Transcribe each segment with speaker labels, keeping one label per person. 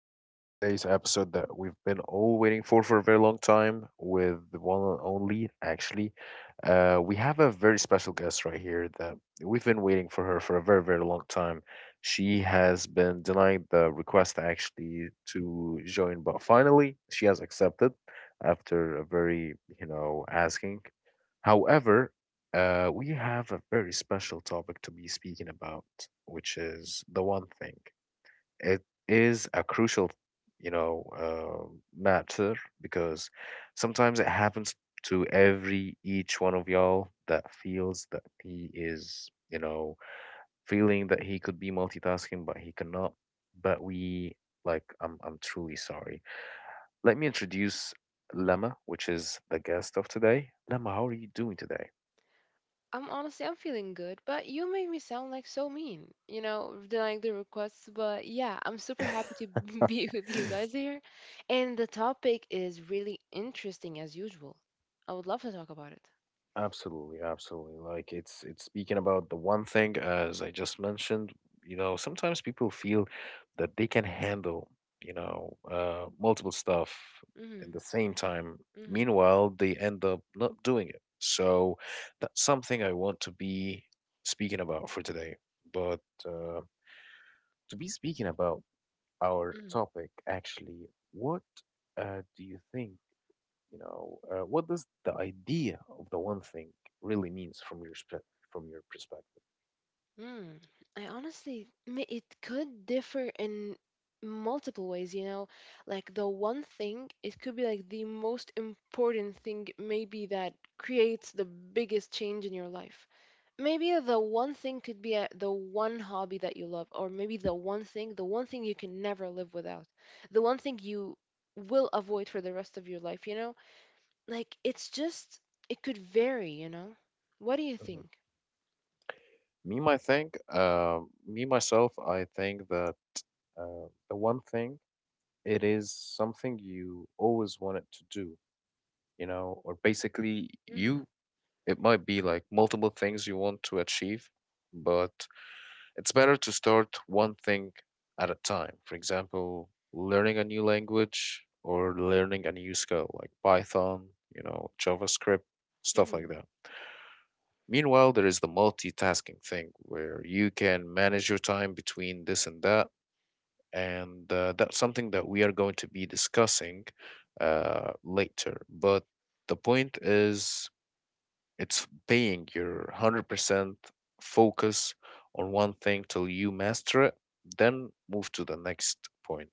Speaker 1: With today's episode that we've been all waiting for a very long time, with the one and only, actually, we have a very special guest right here that we've been waiting for her for a very, very long time. She has been denying the request actually to join, but finally she has accepted after a very, asking. However, we have a very special topic to be speaking about, which is the one thing. It is a crucial, you know, uh, matter because sometimes it happens to every each one of y'all that feels that he is, feeling that he could be multitasking, but he cannot. But we like, I'm truly sorry. Let me introduce Lemma, which is the guest of today. Lemma, how are you doing today?
Speaker 2: I'm honestly I'm feeling good, but you made me sound like so mean, you know, denying the requests. But yeah, I'm super happy to be with you guys here. And the topic is really interesting as usual. I would love to talk about it.
Speaker 1: Absolutely, absolutely. Like it's speaking about the one thing as I just mentioned, sometimes people feel that they can handle, multiple stuff in
Speaker 2: Mm,
Speaker 1: the same time.
Speaker 2: hmm. mm,
Speaker 1: Meanwhile, they end up not doing it. So that's something I want to be speaking about for today. But uh to be speaking about
Speaker 2: hmm.
Speaker 1: our
Speaker 2: mm,
Speaker 1: topic actually, what do you think, what does the idea of the one thing really means from your from your perspective?
Speaker 2: hmm. Mm. I honestly, it could differ in multiple ways. Like the one thing, it could be like the most important thing, maybe that creates the biggest change in your life. Maybe the one thing could be the one hobby that you love, or maybe the one thing you can never live without, the one thing you will avoid for the rest of your life. Like it could vary. What do you
Speaker 1: Mhm.
Speaker 2: think?
Speaker 1: Me, my think, me myself, I think that the one thing it is something you always wanted to do, or basically
Speaker 2: Mm-hmm.
Speaker 1: you. It might be like multiple things you want to achieve, but it's better to start one thing at a time. For example, learning a new language or learning a new skill like Python, JavaScript, stuff like
Speaker 2: Mm-hmm.
Speaker 1: that. Meanwhile, there is the multitasking thing where you can manage your time between this and that. And that's something that we are going to be discussing later. But the point is it's paying your 100% focus on one thing till you master it, then move to the next point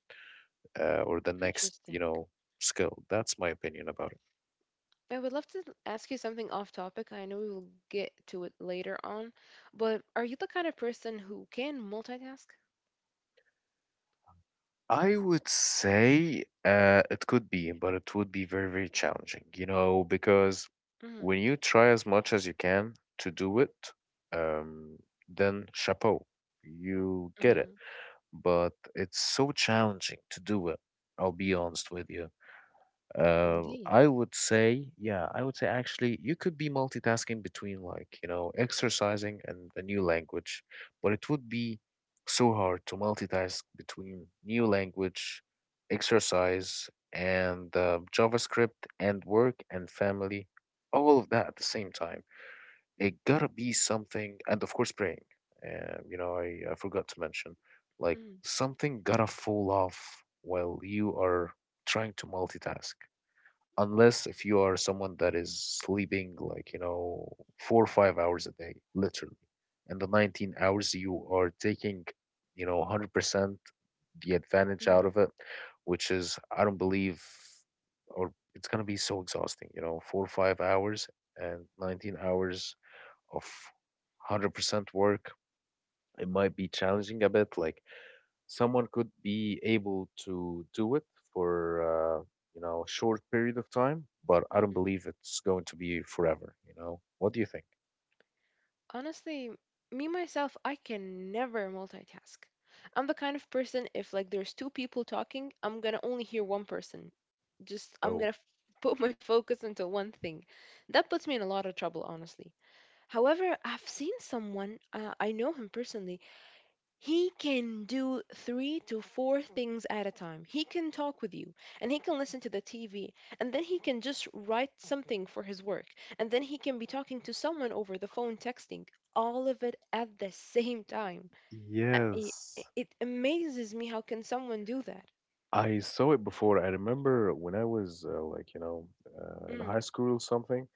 Speaker 1: or the next,
Speaker 2: Interesting.
Speaker 1: skill. That's my opinion about it.
Speaker 2: I would love to ask you something off topic. I know we will get to it later on, but are you the kind of person who can multitask?
Speaker 1: I would say it could be, but it would be very, very challenging, you know, because
Speaker 2: Mm-hmm.
Speaker 1: when you try as much as you can to do it, um, then chapeau, you get it.
Speaker 2: Mm-hmm.
Speaker 1: But it's so challenging to do it. I'll be honest with you.
Speaker 2: Indeed.
Speaker 1: I would say, yeah, I would say actually you could be multitasking between like, you know, exercising and a new language, but it would be so hard to multitask between new language, exercise, and JavaScript and work and family, all of that at the same time. It gotta be something, and of course praying. And I forgot to mention, like something gotta fall off while you are trying to multitask unless if you are someone that is sleeping like 4 or 5 hours a day, literally, and the 19 hours you are taking 100% the advantage out
Speaker 2: Mm-hmm.
Speaker 1: of it, which is I don't believe, or it's going to be so exhausting, 4 or 5 hours and 19 hours of 100% work. It might be challenging a bit, like, someone could be able to do it for a short period of time, but I don't
Speaker 2: Mm-hmm.
Speaker 1: believe it's going to be forever. You know, what do you think?
Speaker 2: Honestly, me myself, I can never multitask. I'm the kind of person, if like there's two people talking, I'm gonna only hear one person. Just I'm
Speaker 1: Oh,
Speaker 2: gonna put my focus into one thing. That puts me in a lot of trouble, honestly. However, I've seen someone, I know him personally. He can do three to four things at a time. He can talk with you, and he can listen to the TV, and then he can just write something for his work, and then he can be talking to someone over the phone, texting, all of it at the same time. I- i-
Speaker 1: yes.
Speaker 2: It amazes me, how can someone do that?
Speaker 1: I saw it before. I remember when I was like, in high
Speaker 2: Mm,
Speaker 1: school or something.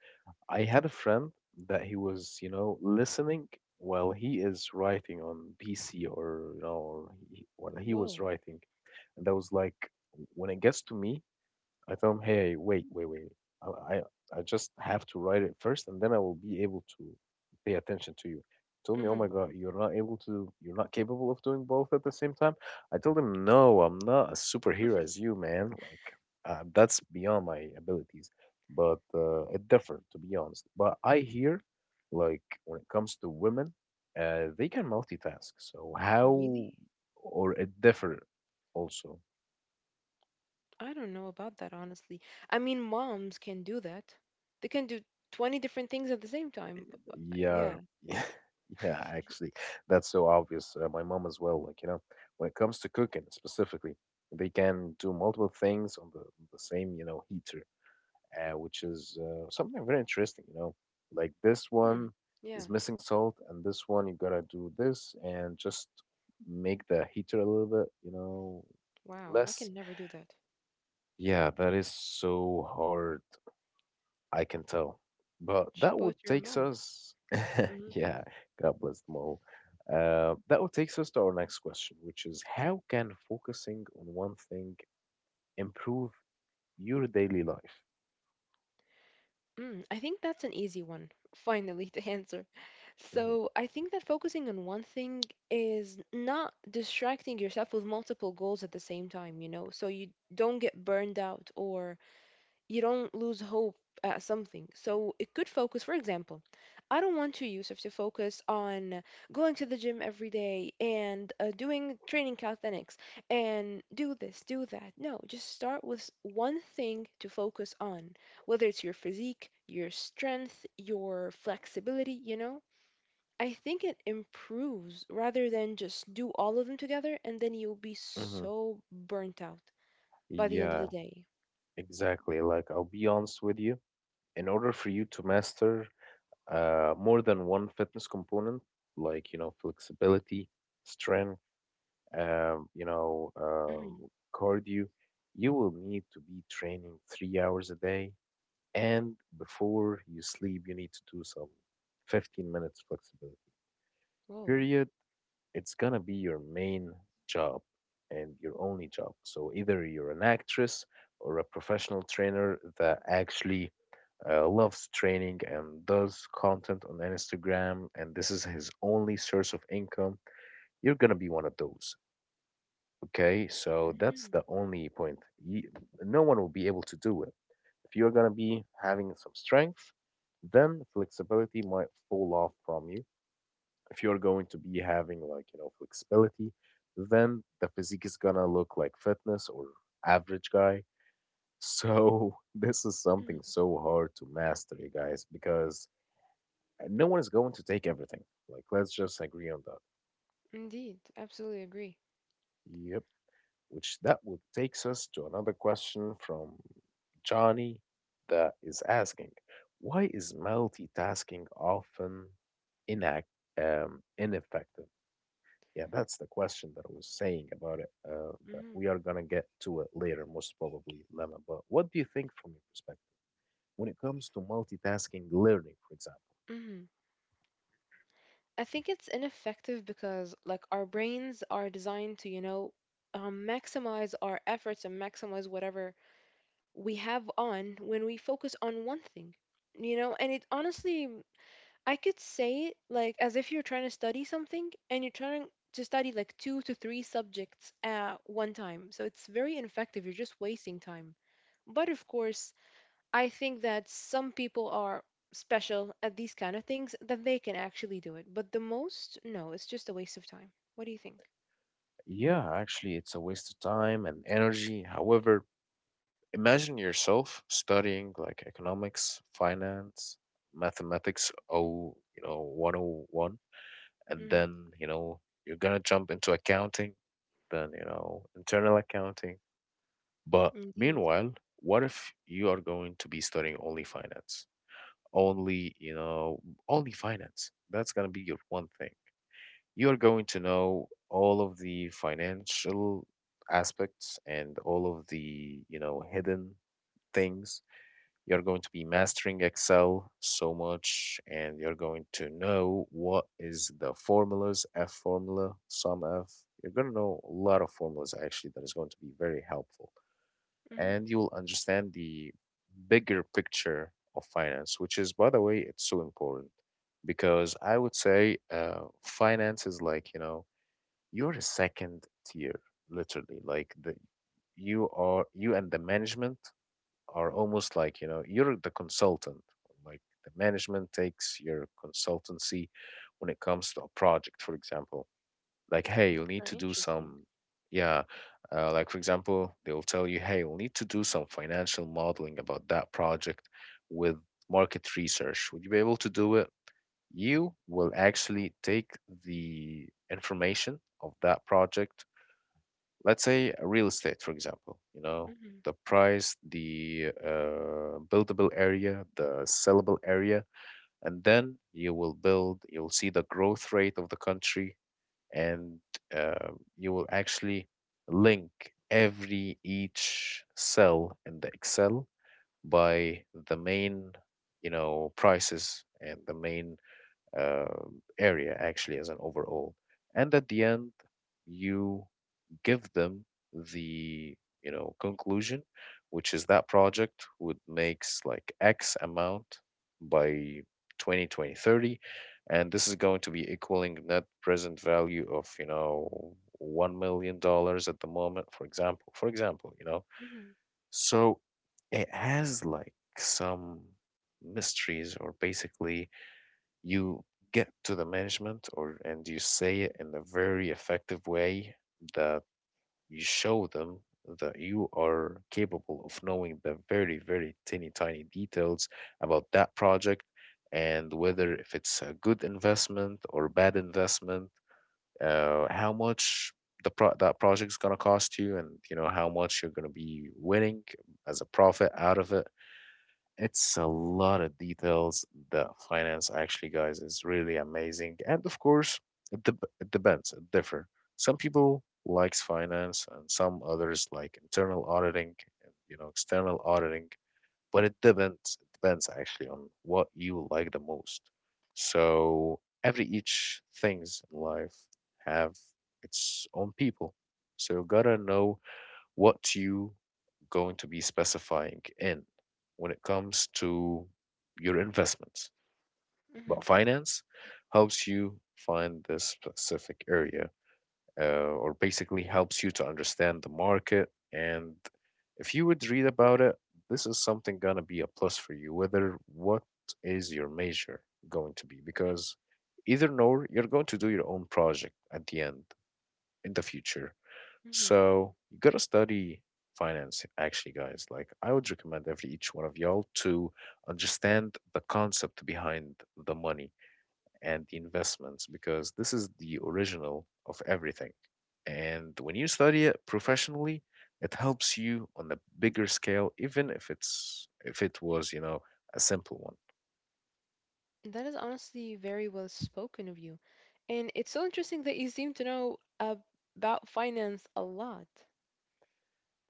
Speaker 1: I had a friend that he was, listening while he is writing on PC or, or he, while he was
Speaker 2: whoa.
Speaker 1: writing. And that was like, when it gets to me, I tell him, hey, wait, wait, wait. I, I I just have to write it first, and then I will be able to pay attention to you. He told me, oh my
Speaker 2: Hmm.
Speaker 1: God, you're not able to, you're not capable of doing both at the same time. I told him, no, I'm not a superhero as you, man. Like, that's beyond my abilities. But it differed, to be honest. But I hear, like, when it comes to women, they can multitask. So how,
Speaker 2: Really?
Speaker 1: or it differ also.
Speaker 2: I don't know about that, honestly. I mean, moms can do that. They can do 20 different things at the same time.
Speaker 1: Yeah,
Speaker 2: Yeah.
Speaker 1: yeah, yeah, actually, that's so obvious. My mom as well, like, when it comes to cooking specifically, they can do multiple things on the same, heater, which is something very interesting. Like this one
Speaker 2: Hmm. Yeah.
Speaker 1: is missing salt, and this one you gotta do this and just make the heater a little bit,
Speaker 2: Wow, I
Speaker 1: less.
Speaker 2: can never do that.
Speaker 1: Yeah, that is so hard. I can tell. But that
Speaker 2: Chapeau
Speaker 1: would
Speaker 2: to your
Speaker 1: takes
Speaker 2: mom.
Speaker 1: us,
Speaker 2: Mhm.
Speaker 1: yeah, God bless them all. That would takes us to our next question, which is how can focusing on one thing improve your daily life?
Speaker 2: Mm, I think that's an easy one, finally, to answer.
Speaker 1: Mm-hmm.
Speaker 2: So I think that focusing on one thing is not distracting yourself with multiple goals at the same time, so you don't get burned out, or you don't lose hope at something. So it could focus, for example, I don't want to, Yusuf, to focus on going to the gym every day, and doing training calisthenics, and do this, do that. No, just start with one thing to focus on, whether it's your physique, your strength, your flexibility, you know? I think it improves, rather than just do all of them together, and then you'll be
Speaker 1: Mm-hmm.
Speaker 2: so burnt out by the end of
Speaker 1: Yeah,
Speaker 2: the day.
Speaker 1: exactly. Like, I'll be honest with you. In order for you to master more than one fitness component, like, flexibility, strength, um, you know, um,
Speaker 2: Mhm.
Speaker 1: cardio, you will need to be training 3 hours a day. And before you sleep, you need to do some 15 minutes flexibility
Speaker 2: Whoa.
Speaker 1: period. It's gonna be your main job and your only job. So either you're an actress or a professional trainer that actually loves training and does content on Instagram, and this is his only source of income, you're gonna be one of those. Okay, so that's
Speaker 2: Mhm.
Speaker 1: the only point. You, no one will be able to do it. If you're gonna be having some strength, then flexibility might fall off from you. If you're going to be having like, flexibility, then the physique is gonna look like fitness or average guy. So this is something
Speaker 2: Mm,
Speaker 1: so hard to master, you guys, because no one is going to take everything. Like, let's just agree on that.
Speaker 2: indeed, absolutely agree.
Speaker 1: Yep. Which that would takes us to another question from Johnny, that is asking, why is multitasking often inac ineffective? Yeah, that's the question that I was saying about it. That
Speaker 2: Hmm.
Speaker 1: we are gonna get to it later, most probably, Lemma. But what do you think from your perspective when it comes to multitasking learning, for example?
Speaker 2: Hmm. I think it's ineffective because, like, our brains are designed to, maximize our efforts and maximize whatever we have on when we focus on one thing. And it honestly, I could say it like as if you're trying to study something, and you're trying to study like two to three subjects at one time. So it's very ineffective. You're just wasting time. But of course, I think that some people are special at these kind of things, that they can actually do it. But the most, no, it's just a waste of time. What do you think?
Speaker 1: Yeah, actually, it's a waste of time and energy. However, imagine yourself studying like economics, finance, mathematics, oh, 101, and
Speaker 2: Mm-hmm.
Speaker 1: then, you're gonna jump into accounting, then, internal accounting. But
Speaker 2: Indeed.
Speaker 1: meanwhile, what if you are going to be studying only finance? Only, only finance. That's gonna be your one thing. You're going to know all of the financial aspects and all of the, hidden things. You're going to be mastering Excel so much, and you're going to know what is the formulas, F formula, sum F. You're going to know a lot of formulas actually that is going to be very helpful.
Speaker 2: Mm-hmm.
Speaker 1: And you will understand the bigger picture of finance, which is, by the way, it's so important, because I would say finance is like, you're a second tier, literally. Like the you are you, and the management are almost like you're the consultant. Like the management takes your consultancy when it comes to a project, for example, like, hey, you'll
Speaker 2: That's
Speaker 1: need to
Speaker 2: very
Speaker 1: do
Speaker 2: interesting.
Speaker 1: some. Yeah, like, for example, they'll tell you, hey, you'll need to do some financial modeling about that project with market research. Would you be able to do it? You will actually take the information of that project, let's say real estate, for example,
Speaker 2: Mm-hmm.
Speaker 1: the price, the buildable area, the sellable area. And then you will build, you'll see the growth rate of the country, and you will actually link every each cell in the Excel by the main prices and the main uh, area, actually, as an overall. And at the end you give them the conclusion, which is that project would makes like x amount by 202030, and this is going to be equaling net present value of $1 million at the moment, for example,
Speaker 2: Mm-hmm.
Speaker 1: so it has like some mysteries. Or basically you get to the management, or and you say it in a very effective way, that you show them that you are capable of knowing the very, very teeny tiny details about that project, and whether if it's a good investment or bad investment. How much the that project's going to cost you, and you know how much you're going to be winning as a profit out of it. It's a lot of details, that finance, actually, guys, is really amazing. And of course, it depends, it differ. Some people likes finance and some others like internal auditing and you know external auditing, but it depends actually on what you like the most. So every each things in life have its own people. So you gotta know what you going to be specifying in when it comes to your investments.
Speaker 2: Mm-hmm.
Speaker 1: But finance helps you find this specific area, or basically helps you to understand the market. And if you would read about it, this is something gonna be a plus for you, whether what is your major going to be, because either nor you're going to do your own project at the end in the future,
Speaker 2: Mm-hmm.
Speaker 1: so you gotta study finance, actually, guys. Like, I would recommend every each one of y'all to understand the concept behind the money and the investments because this is the original of everything. And when you study it professionally, it helps you on a bigger scale, even if it was, you know, a simple one.
Speaker 2: That is honestly very well spoken of you. And it's so interesting that you seem to know about finance a lot.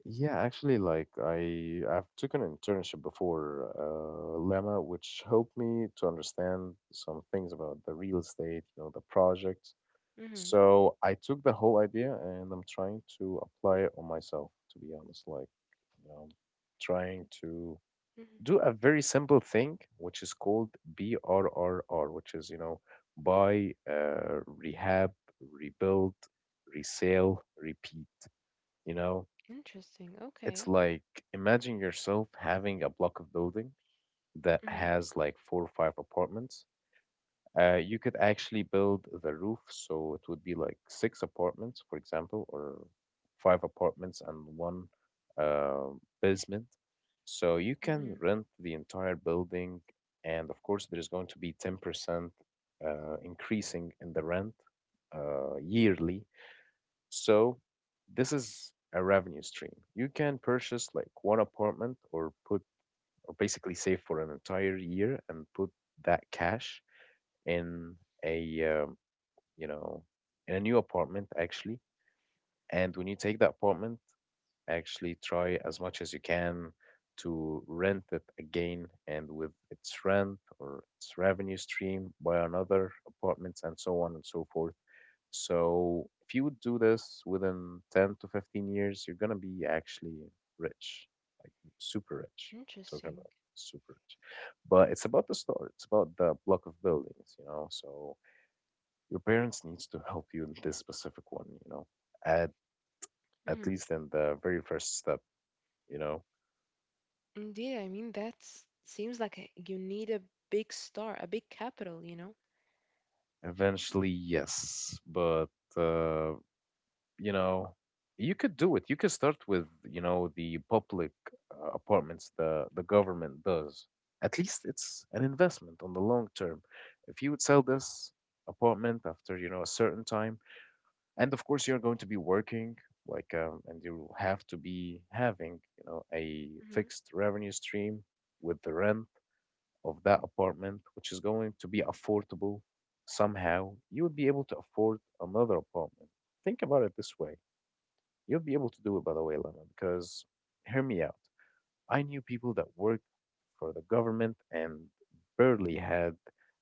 Speaker 1: Yeah, actually, like I've taken an internship before, Lemma, which helped me to understand some things about the real estate, you know, the projects.
Speaker 2: Mm-hmm.
Speaker 1: So I took the whole idea and I'm trying to apply it on myself, to be honest. Like, you know, trying to
Speaker 2: Mm-hmm.
Speaker 1: do a very simple thing, which is called BRRR, which is, you know, buy, rehab, rebuild, resale, repeat, you know.
Speaker 2: Interesting.
Speaker 1: It's
Speaker 2: Okay.
Speaker 1: like, imagine yourself having a block of building that
Speaker 2: Mm-hmm.
Speaker 1: has like four or five apartments. You could actually build the roof, so it would be like six apartments, for example, or five apartments and one, uh, basement. So you can
Speaker 2: Mm-hmm.
Speaker 1: rent the entire building, and of course, there's going to be 10% increasing in the rent, yearly, so this is a revenue stream. You can purchase like one apartment, or put, or basically save for an entire year and put that cash in a, you know, in a new apartment actually. And when you take that apartment, actually try as much as you can to rent it again, and with its rent or its revenue stream buy another apartments and so on and so forth. So if you would do this within 10 to 15 years, you're gonna be actually rich, like super rich. Talking about
Speaker 2: Interesting.
Speaker 1: super rich. But it's about the store, it's about the block of buildings, you know. So your parents needs to help you in this specific one, you know. At at least in the very first step, you know.
Speaker 2: Indeed, I mean that seems like you need a big star, a big capital, you know?
Speaker 1: Eventually, yes, but uh, you know, you could do it. You could start with, you know, the public, apartments the government does. At least it's an investment on the long term. If you would sell this apartment after, you know, a certain time, and of course you're going to be working like, and you will have to be having, you know, a
Speaker 2: Hmm.
Speaker 1: fixed revenue stream with the rent of that apartment, which is going to be affordable somehow, you would be able to afford another apartment. Think about it this way. You'll be able to do it, by the way, Lama, because hear me out. I knew people that worked for the government and barely had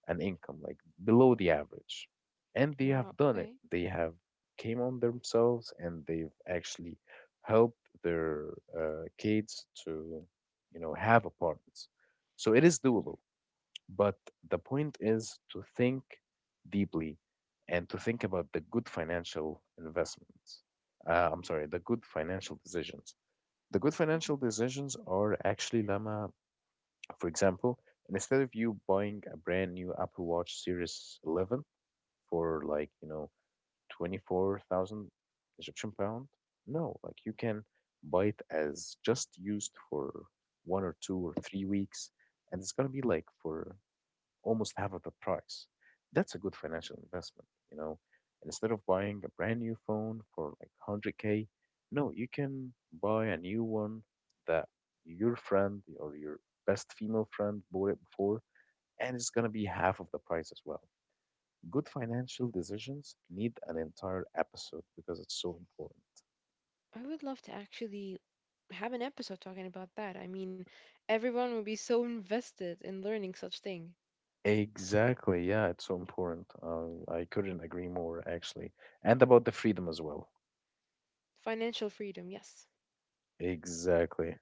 Speaker 1: an income, like below the average. And they
Speaker 2: Wow.
Speaker 1: have done it.
Speaker 2: Okay.
Speaker 1: They have came on themselves and they've actually helped their, kids to, you know, have apartments. So it is
Speaker 2: Hmm.
Speaker 1: doable. But the point is to think deeply and to think about the good financial investments. I'm sorry, the good financial decisions. The good
Speaker 2: Hmm.
Speaker 1: financial decisions are actually, Lama, for example, instead of you buying a brand new Apple Watch Series 11 for like, you know, 24,000 Egyptian pound, no, like you can buy it as just used for 1 or 2 or 3 weeks, and it's gonna be like for almost half of the price. That's a good financial investment, you know. And instead of buying a brand new phone for like 100K, no, you can buy a new one that your friend or your best female friend bought it before, and it's gonna be half of the price as well. Good financial decisions need an entire episode because it's so important.
Speaker 2: I would love to actually have an episode talking about that. I mean, everyone would be so invested in learning such thing.
Speaker 1: Exactly, yeah, it's so important. I couldn't agree more, actually. And about the freedom as well.
Speaker 2: Financial freedom, yes.
Speaker 1: Exactly.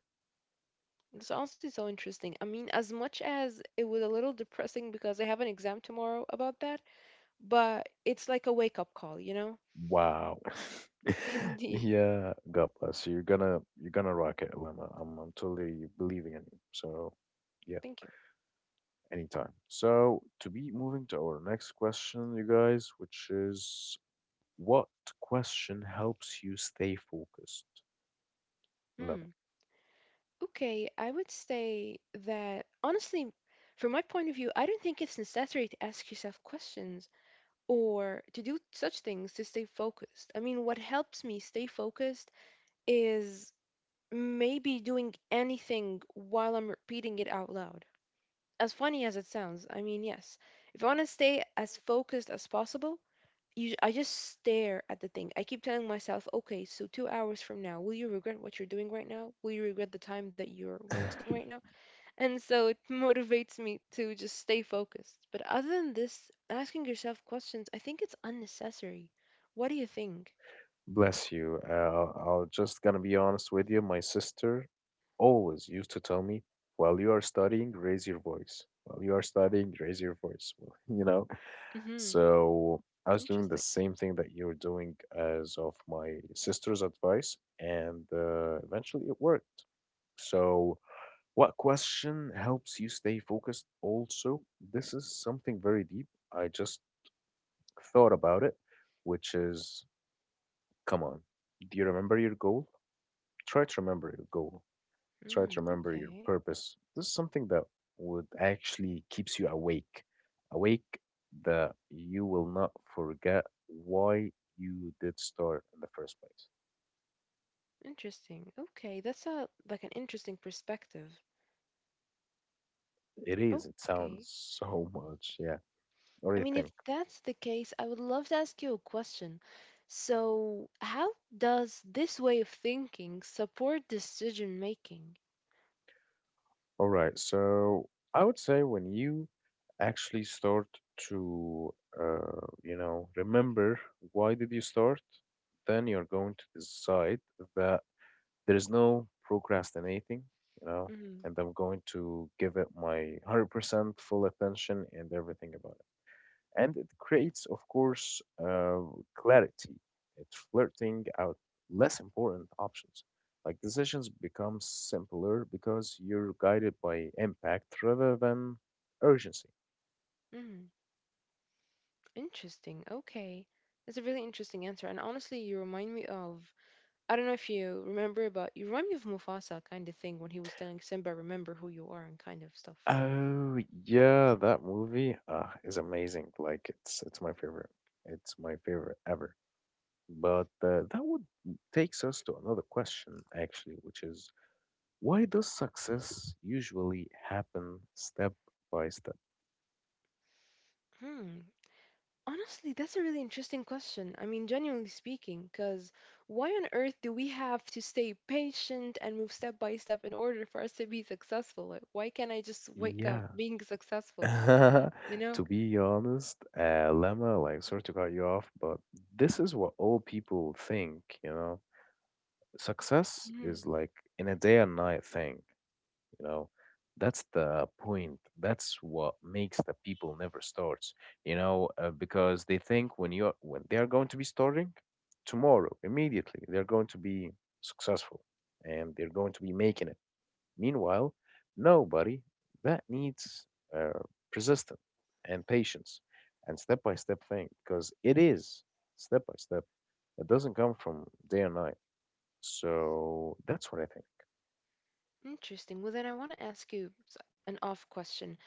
Speaker 2: It's honestly so interesting. I mean, as much as it was a little depressing because I have an exam tomorrow about that, but it's like a wake-up call, you know?
Speaker 1: Wow.
Speaker 2: Indeed.
Speaker 1: Yeah, God bless you. You're gonna rock it, Lema. I'm totally believing in you. So yeah,
Speaker 2: Thank you.
Speaker 1: anytime. So to be moving to our next question, you guys, which is what question helps you stay focused, Lema?
Speaker 2: Hmm. Okay, I would say that honestly, from my point of view, I don't think it's necessary to ask yourself questions or to do such things to stay focused. I mean, what helps me stay focused is maybe doing anything while I'm repeating it out loud. As funny as it sounds, I mean, yes. If I want to stay as focused as possible, I just stare at the thing. I keep telling myself, okay, so 2 hours from now, will you regret what you're doing right now? Will you regret the time that you're wasting right now? And so it motivates me to just stay focused. But other than this, asking yourself questions, I think it's unnecessary. What do you think?
Speaker 1: Bless you. I'll just gonna be honest with you. My sister always used to tell me, while you are studying, raise your voice. While you are studying, raise your voice. You know,
Speaker 2: Hmm.
Speaker 1: so I was doing the
Speaker 2: Interesting.
Speaker 1: same thing that you're doing as of my sister's advice, and eventually it worked. So, what question helps you stay focused? Also, this is something very deep. I just thought about it, which is, come on, do you remember your goal? Try to remember your goal. Try
Speaker 2: Mm,
Speaker 1: to remember your
Speaker 2: okay.
Speaker 1: purpose. This is something that would actually keeps you awake, awake, that you will not forget why you did start in the first place.
Speaker 2: Interesting. Okay, that's a like an interesting perspective.
Speaker 1: It is. It
Speaker 2: Okay.
Speaker 1: sounds so much. Yeah. What do
Speaker 2: I
Speaker 1: you
Speaker 2: mean, if
Speaker 1: think?
Speaker 2: that's the case, I would love to ask you a question. So, how does this way of thinking support decision making?
Speaker 1: All right. So I would say when you actually start to, you know, remember why did you start, then you're going to decide that there is no procrastinating, you know,
Speaker 2: Mm-hmm.
Speaker 1: and I'm going to give it my 100% full attention and everything about it. And it creates, of course, clarity. It's flirting out less important options. Like, decisions become simpler because you're guided by impact rather than urgency.
Speaker 2: Interesting. Okay. That's a really interesting answer. And honestly, you remind me of, I don't know if you remember, but you remind me of Mufasa kind of thing when he was telling Simba, remember who you are and kind of stuff.
Speaker 1: Oh yeah, that movie is amazing. Like it's my favorite. It's my favorite ever. But that would, takes us to another question, actually, which is why does success usually happen step by step?
Speaker 2: Hmm. Honestly, that's a really interesting question. I mean, genuinely speaking, because why on earth do we have to stay patient and move step by step in order for us to be successful? Like, why can't I just wake up
Speaker 1: Yeah.
Speaker 2: being successful? You know?
Speaker 1: To be honest, Lemma, like, sorry to cut you off, but this is what all people think, you know? Success
Speaker 2: Hmm.
Speaker 1: is like in a day and night thing. You know, that's the point, that's what makes the people never starts, you know, because they think when you're when they are going to be starting tomorrow, immediately they're going to be successful and they're going to be making it. Meanwhile, nobody, that needs uh, persistence and patience and step by step thing, because it is step by step. It doesn't come from day and night. So that's what I think.
Speaker 2: Interesting. Well, then I want to ask you an off question.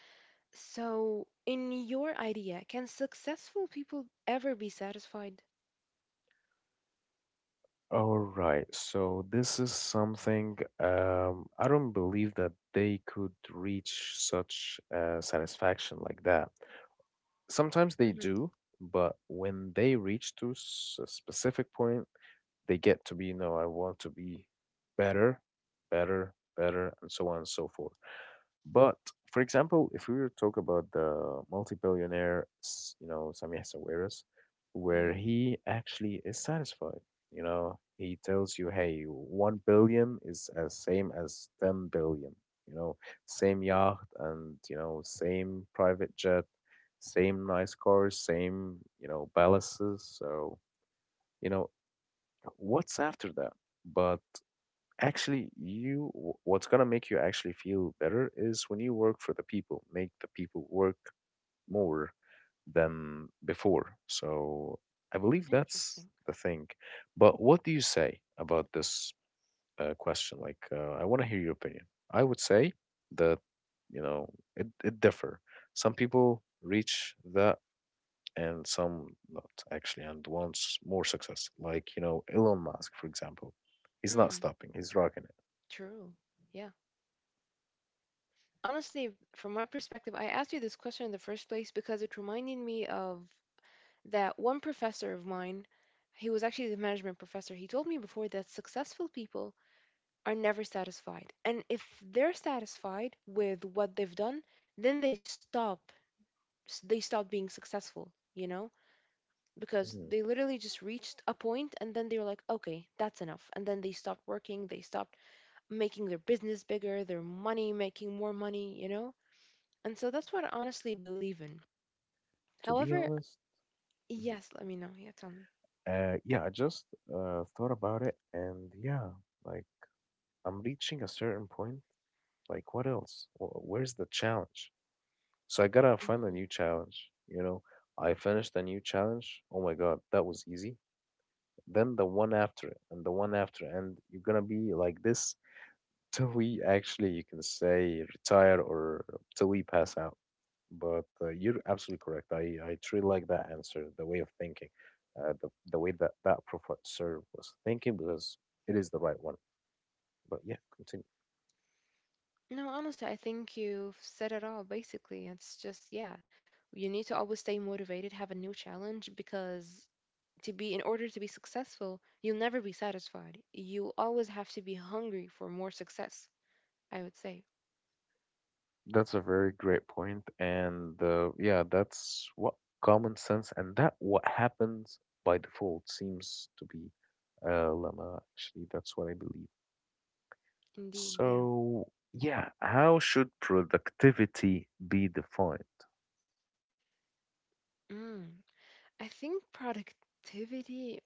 Speaker 2: So, in your idea, can successful people ever be satisfied?
Speaker 1: All right, so this is something, I don't believe that they could reach such satisfaction like that. Sometimes they
Speaker 2: Mm-hmm.
Speaker 1: do, but when they reach to a specific point, they get to be, no, I want to be better, better, better, and so on and so forth. But for example, if we were to talk about the multi-billionaire, you know, Samih Sawiris, where
Speaker 2: Hmm.
Speaker 1: he actually is satisfied, you know, he tells you, hey, 1 billion is as same as 10 billion, you know, same yacht and, you know, same private jet, same nice cars, same, you know, palaces. So, you know, what's after that? But actually, you what's gonna make you actually feel better is when you work for the people, make the people work more than before. So I believe that's
Speaker 2: Interesting.
Speaker 1: the thing. But what do you say about this, question? Like, I want to hear your opinion. I would say that, you know, it differ. Some people reach that and some not actually and wants more success. Like, you know, Elon Musk, for example. He's not
Speaker 2: Mm,
Speaker 1: stopping. He's rocking it.
Speaker 2: true. Yeah. Honestly, from my perspective, I asked you this question in the first place because it reminded me of that one professor of mine. He was actually the management professor. He told me before that successful people are never satisfied. And if they're satisfied with what they've done, then they stop. They stop being successful, you know? Because
Speaker 1: Mhm.
Speaker 2: they literally just reached a point and then they were like, okay, that's enough. And then they stopped working, they stopped making their business bigger, their money, making more money, you know? And so that's what I honestly believe in.
Speaker 1: To be
Speaker 2: However,
Speaker 1: honest, mhm,
Speaker 2: yes, let me know. Yeah, tell me.
Speaker 1: yeah, I just thought about it, and yeah, like, I'm reaching a certain point. Like, what else? Where's the challenge? So I gotta find a
Speaker 2: Mhm.
Speaker 1: new challenge. You know, I finished a new challenge. Oh my God, that was easy. Then the one after it, and the one after, and you're gonna be like this till we actually, you can say, retire or till we pass out. But you're absolutely correct. I truly like that answer, the way of thinking, the way that that professor was thinking, because it is the right one. But yeah, continue.
Speaker 2: No, honestly, I think you've said it all basically. It's just, yeah, you need to always stay motivated, have a new challenge, because to be in order to be successful, you'll never be satisfied. You always have to be hungry for more success, I would say.
Speaker 1: That's a very great point, and yeah, that's what common sense and that what happens by default seems to be, lemma. Actually, that's what I believe.
Speaker 2: Indeed, yeah.
Speaker 1: So, yeah, how should productivity be defined?
Speaker 2: Mm, I think productivity.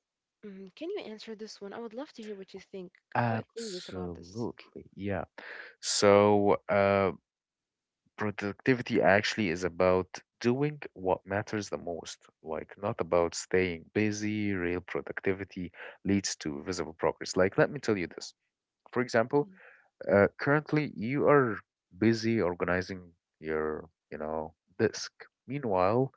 Speaker 2: Mm, can you answer this one? I would love to hear what you think. Quite clueless about this.
Speaker 1: Absolutely, yeah. So, productivity actually is about doing what matters the most, like not about staying busy. Real productivity leads to visible progress. Like, let me tell you this. For example,
Speaker 2: Mm,
Speaker 1: currently you are busy organizing your, you know, disk. Meanwhile,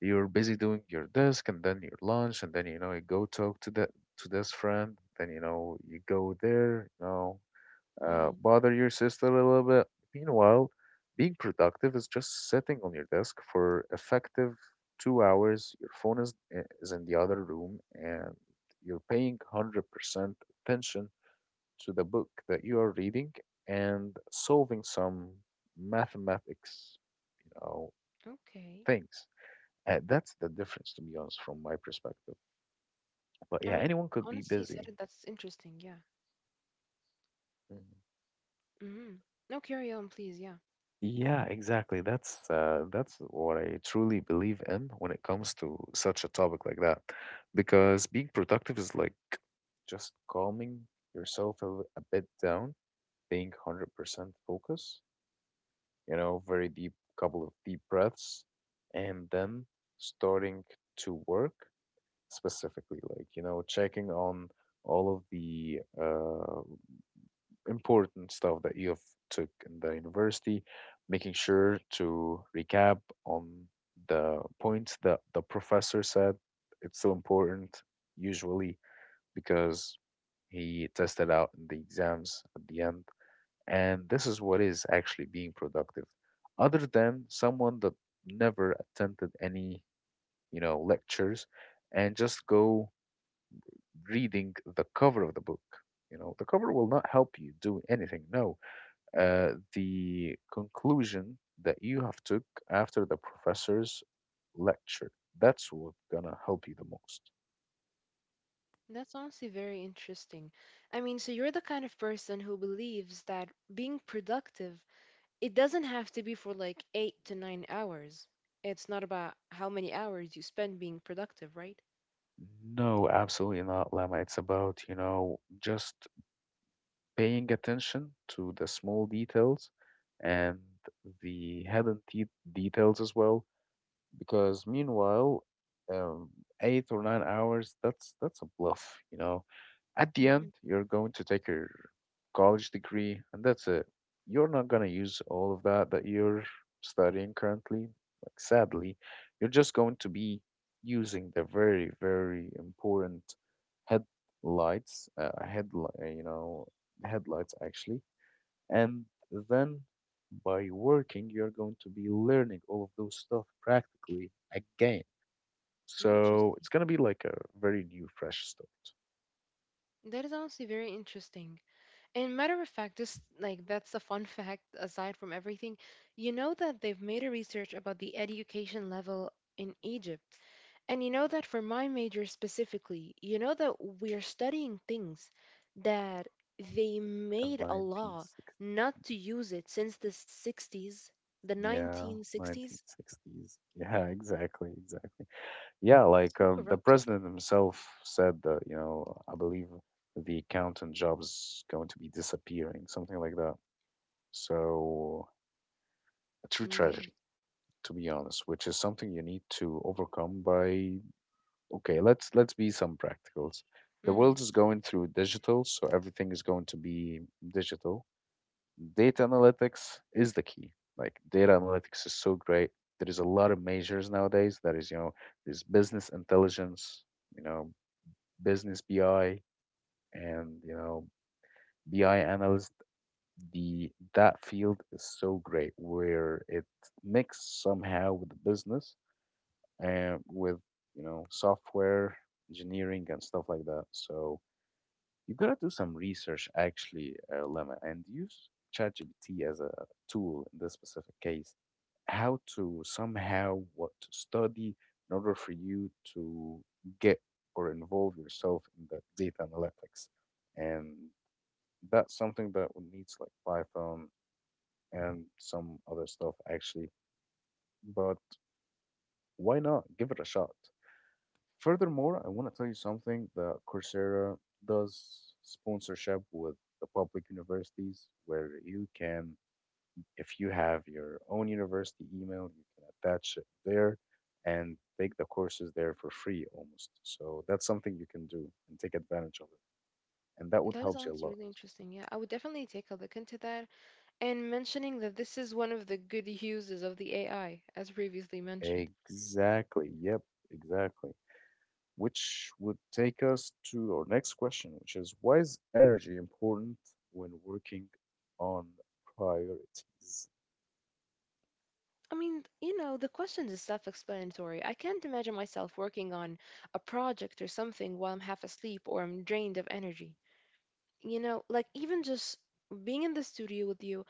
Speaker 1: you're busy doing your desk and then your lunch and then you know you go talk to that to this friend. Then you know you go there, you know,
Speaker 2: mm,
Speaker 1: bother your sister a little bit. Meanwhile, being productive is just sitting on your desk for effective 2 hours. Your phone is is in the other room and you're paying 100% attention to the book that you are reading and solving some mathematics, you know,
Speaker 2: okay.
Speaker 1: things. That's the difference, to be honest, from my perspective. But
Speaker 2: I
Speaker 1: yeah,
Speaker 2: mean,
Speaker 1: anyone could be
Speaker 2: honestly,
Speaker 1: busy.
Speaker 2: said it, that's interesting. Yeah.
Speaker 1: Mhm.
Speaker 2: Mm-hmm. No, carry on, please. Yeah.
Speaker 1: Yeah, exactly. That's what I truly believe in when it comes to such a topic like that, because being productive is like just calming yourself a bit down, being 100% focus, you know, very deep, couple of deep breaths, and then starting to work specifically, like, you know, checking on all of the important stuff that you have took in the university, making sure to recap on the points that the professor said. It's so important usually because he tested out in the exams at the end. And this is what is actually being productive. Other than someone that never attended any, you know, lectures and just go reading the cover of the book. You know, the cover will not help you do anything. No, the conclusion that you have took after the professor's lecture. That's what gonna help you the most.
Speaker 2: That's honestly very interesting. I mean, so you're the kind of person who believes that being productive, it doesn't have to be for like 8 to 9 hours. It's not about how many hours you spend being productive, right?
Speaker 1: No, absolutely not, Lama. It's about, you know, just paying attention to the small details and the details as well. Because meanwhile, um, 8 or 9 hours, that's a bluff, you know. At the end,
Speaker 2: Mm-hmm.
Speaker 1: you're going to take your college degree, and that's it. You're not going to use all of that you're studying currently. Like, sadly, you're just going to be using the very, very important headlights, headlight, you know, headlights actually. And then by working, you're going to be learning all of those stuff practically again. So it's
Speaker 2: Interesting.
Speaker 1: going to be like a very new, fresh start
Speaker 2: That is honestly very interesting. And matter of fact, just like that's a fun fact aside from everything, you know that they've made a research about the education level in Egypt. And you know that for my major specifically, you know that we're studying things that they
Speaker 1: in
Speaker 2: made a law
Speaker 1: 1960.
Speaker 2: not to use it since the 60s, the
Speaker 1: Yeah,
Speaker 2: 1960s.
Speaker 1: 1960s. Yeah, exactly, exactly. Yeah, like
Speaker 2: So
Speaker 1: the
Speaker 2: corrupted.
Speaker 1: president himself said that, you know, I believe the accountant job's going to be disappearing, something like that. So, a true
Speaker 2: Indeed.
Speaker 1: tragedy, to be honest, which is something you need to overcome by, okay, let's be some practicals. The world
Speaker 2: Hmm.
Speaker 1: is going through digital, so everything is going to be digital. Data analytics is the key. Like data analytics is so great. There is a lot of majors nowadays. That is, you know, there's business intelligence, you know, business BI, and you know, BI analyst. The that field is so great where it mixed somehow with the business and with you know software engineering and stuff like that. So you gotta do some research actually, Lemma, and use ChatGPT as a tool in this specific case how to somehow what to study in order for you to get or involve yourself in that data analytics. And that's something that would needs like Python and some other stuff actually. But why not give it a shot? Furthermore, I want to tell you something that Coursera does sponsorship with the public universities where you can, if you have your own university email, you can attach it there and take the courses there for free almost. So that's something you can do and take advantage of it. And that would
Speaker 2: That is
Speaker 1: help you a
Speaker 2: honestly
Speaker 1: lot.
Speaker 2: really interesting. Yeah, I would definitely take a look into that. And mentioning that this is one of the good uses of the AI, as previously mentioned.
Speaker 1: Exactly. Yep, exactly. Which would take us to our next question, which is why is energy important when working on priorities?
Speaker 2: I mean, the question is self explanatory. I can't imagine myself working on a project or something while I'm half asleep or I'm drained of energy. You know, like even just being in the studio with you,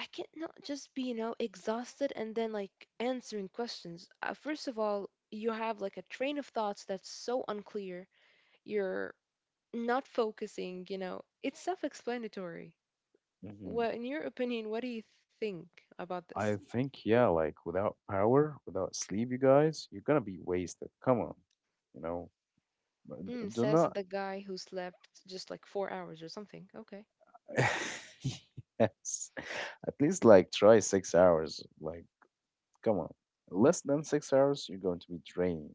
Speaker 2: I can't not just be exhausted and then like answering questions. First of all, you have like a train of thoughts that's so unclear. You're not focusing, it's self explanatory.
Speaker 1: Hmm.
Speaker 2: Well, in your opinion, what do you think about this?
Speaker 1: I think, yeah, like without power, without sleep, you guys, you're gonna be wasted. Come on, you know, but d-
Speaker 2: Mm,
Speaker 1: do
Speaker 2: says
Speaker 1: not.
Speaker 2: the guy who slept just like 4 hours or something. Okay.
Speaker 1: Yes. At least like try 6 hours. Like, come on. Less than 6 hours, you're going to be drained.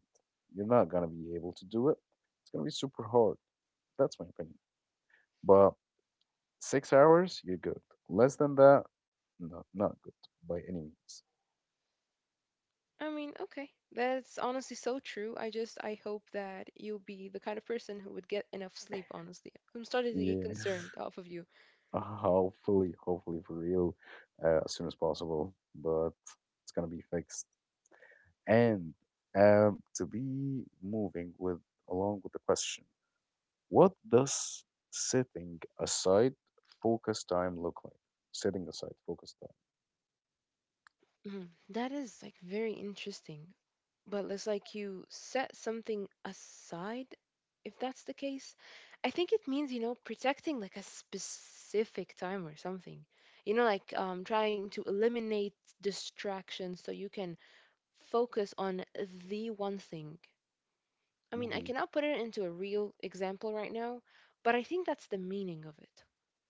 Speaker 1: You're not going to be able to do it. It's going to be super hard. That's my opinion. But 6 hours, you're good. Less than that, no, not good by any means.
Speaker 2: I mean, okay. That's honestly so true. I just I hope that you'll be the kind of person who would get enough sleep, honestly. I'm starting to get
Speaker 1: Yeah.
Speaker 2: concerned off of you.
Speaker 1: Hopefully, hopefully for real, as soon as possible. But it's going to be fixed. And to be moving with along with the question, what does setting aside focus time look like? Setting aside focus time.
Speaker 2: Mhm. That is like very interesting. But it's like you set something aside, if that's the case. I think it means protecting like a specific time or something. Like trying to eliminate distractions so you can focus on the one thing. I mean, I
Speaker 1: Hmm.
Speaker 2: cannot put it into a real example right now, but I think that's the meaning of it.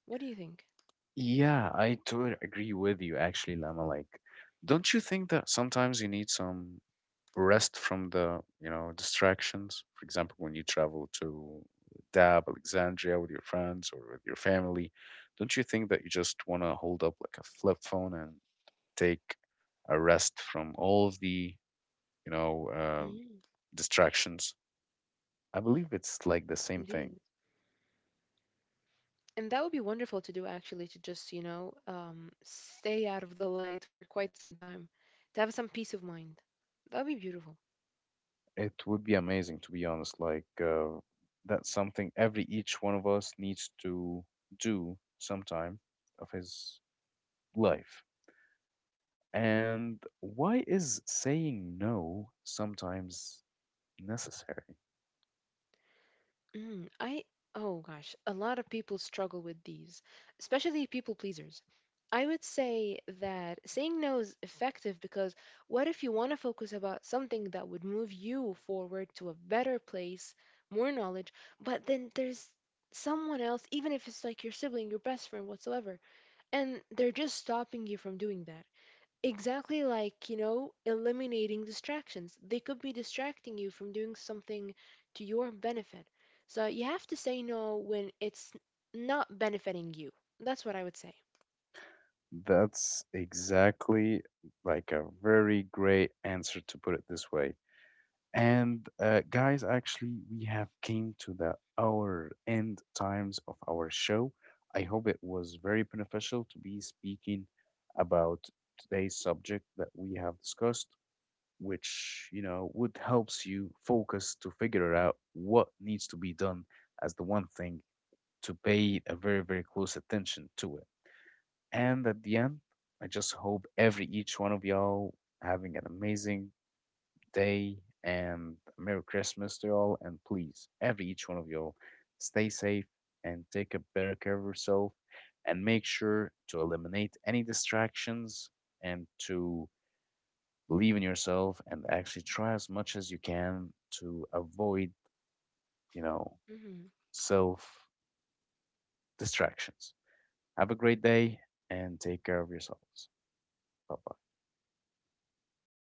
Speaker 2: What do you think?
Speaker 1: Yeah, I totally agree with you actually, Lama. Like, don't you think that sometimes you need some rest from the, you know, distractions? For example, when you travel to Dab, Alexandria with your friends or with your family, don't you think that you just want to hold up like a flip phone and take a rest from all of the you know
Speaker 2: Mm,
Speaker 1: distractions. I believe it's like the same thing.
Speaker 2: indeed. And that would be wonderful to do actually, to just stay out of the light for quite some time, to have some peace of mind. That would be beautiful.
Speaker 1: It would be amazing to be honest. Like that's something every each one of us needs to do sometime of his life. And why is saying no sometimes necessary?
Speaker 2: Mm, oh gosh, a lot of people struggle with these, especially people pleasers. I would say that saying no is effective because what if you want to focus about something that would move you forward to a better place, more knowledge, but then there's someone else, even if it's like your sibling, your best friend, whatsoever. And they're just stopping you from doing that. Exactly, like, eliminating distractions. They could be distracting you from doing something to your benefit. So you have to say no when it's not benefiting you. That's what I would say.
Speaker 1: That's exactly like a very great answer to put it this way. And guys, actually, we have came to the our end times of our show. I hope it was very beneficial to be speaking about today's subject that we have discussed, which you know would helps you focus to figure out what needs to be done as the one thing to pay a very very close attention to it. And at the end, I just hope every each one of y'all having an amazing day and Merry Christmas to y'all. And please, every each one of y'all, stay safe and take a better care of yourself and make sure to eliminate any distractions and to believe in yourself and actually try as much as you can to avoid, you know,
Speaker 2: Mm-hmm.
Speaker 1: self distractions. Have a great day and take care of yourselves. Bye bye.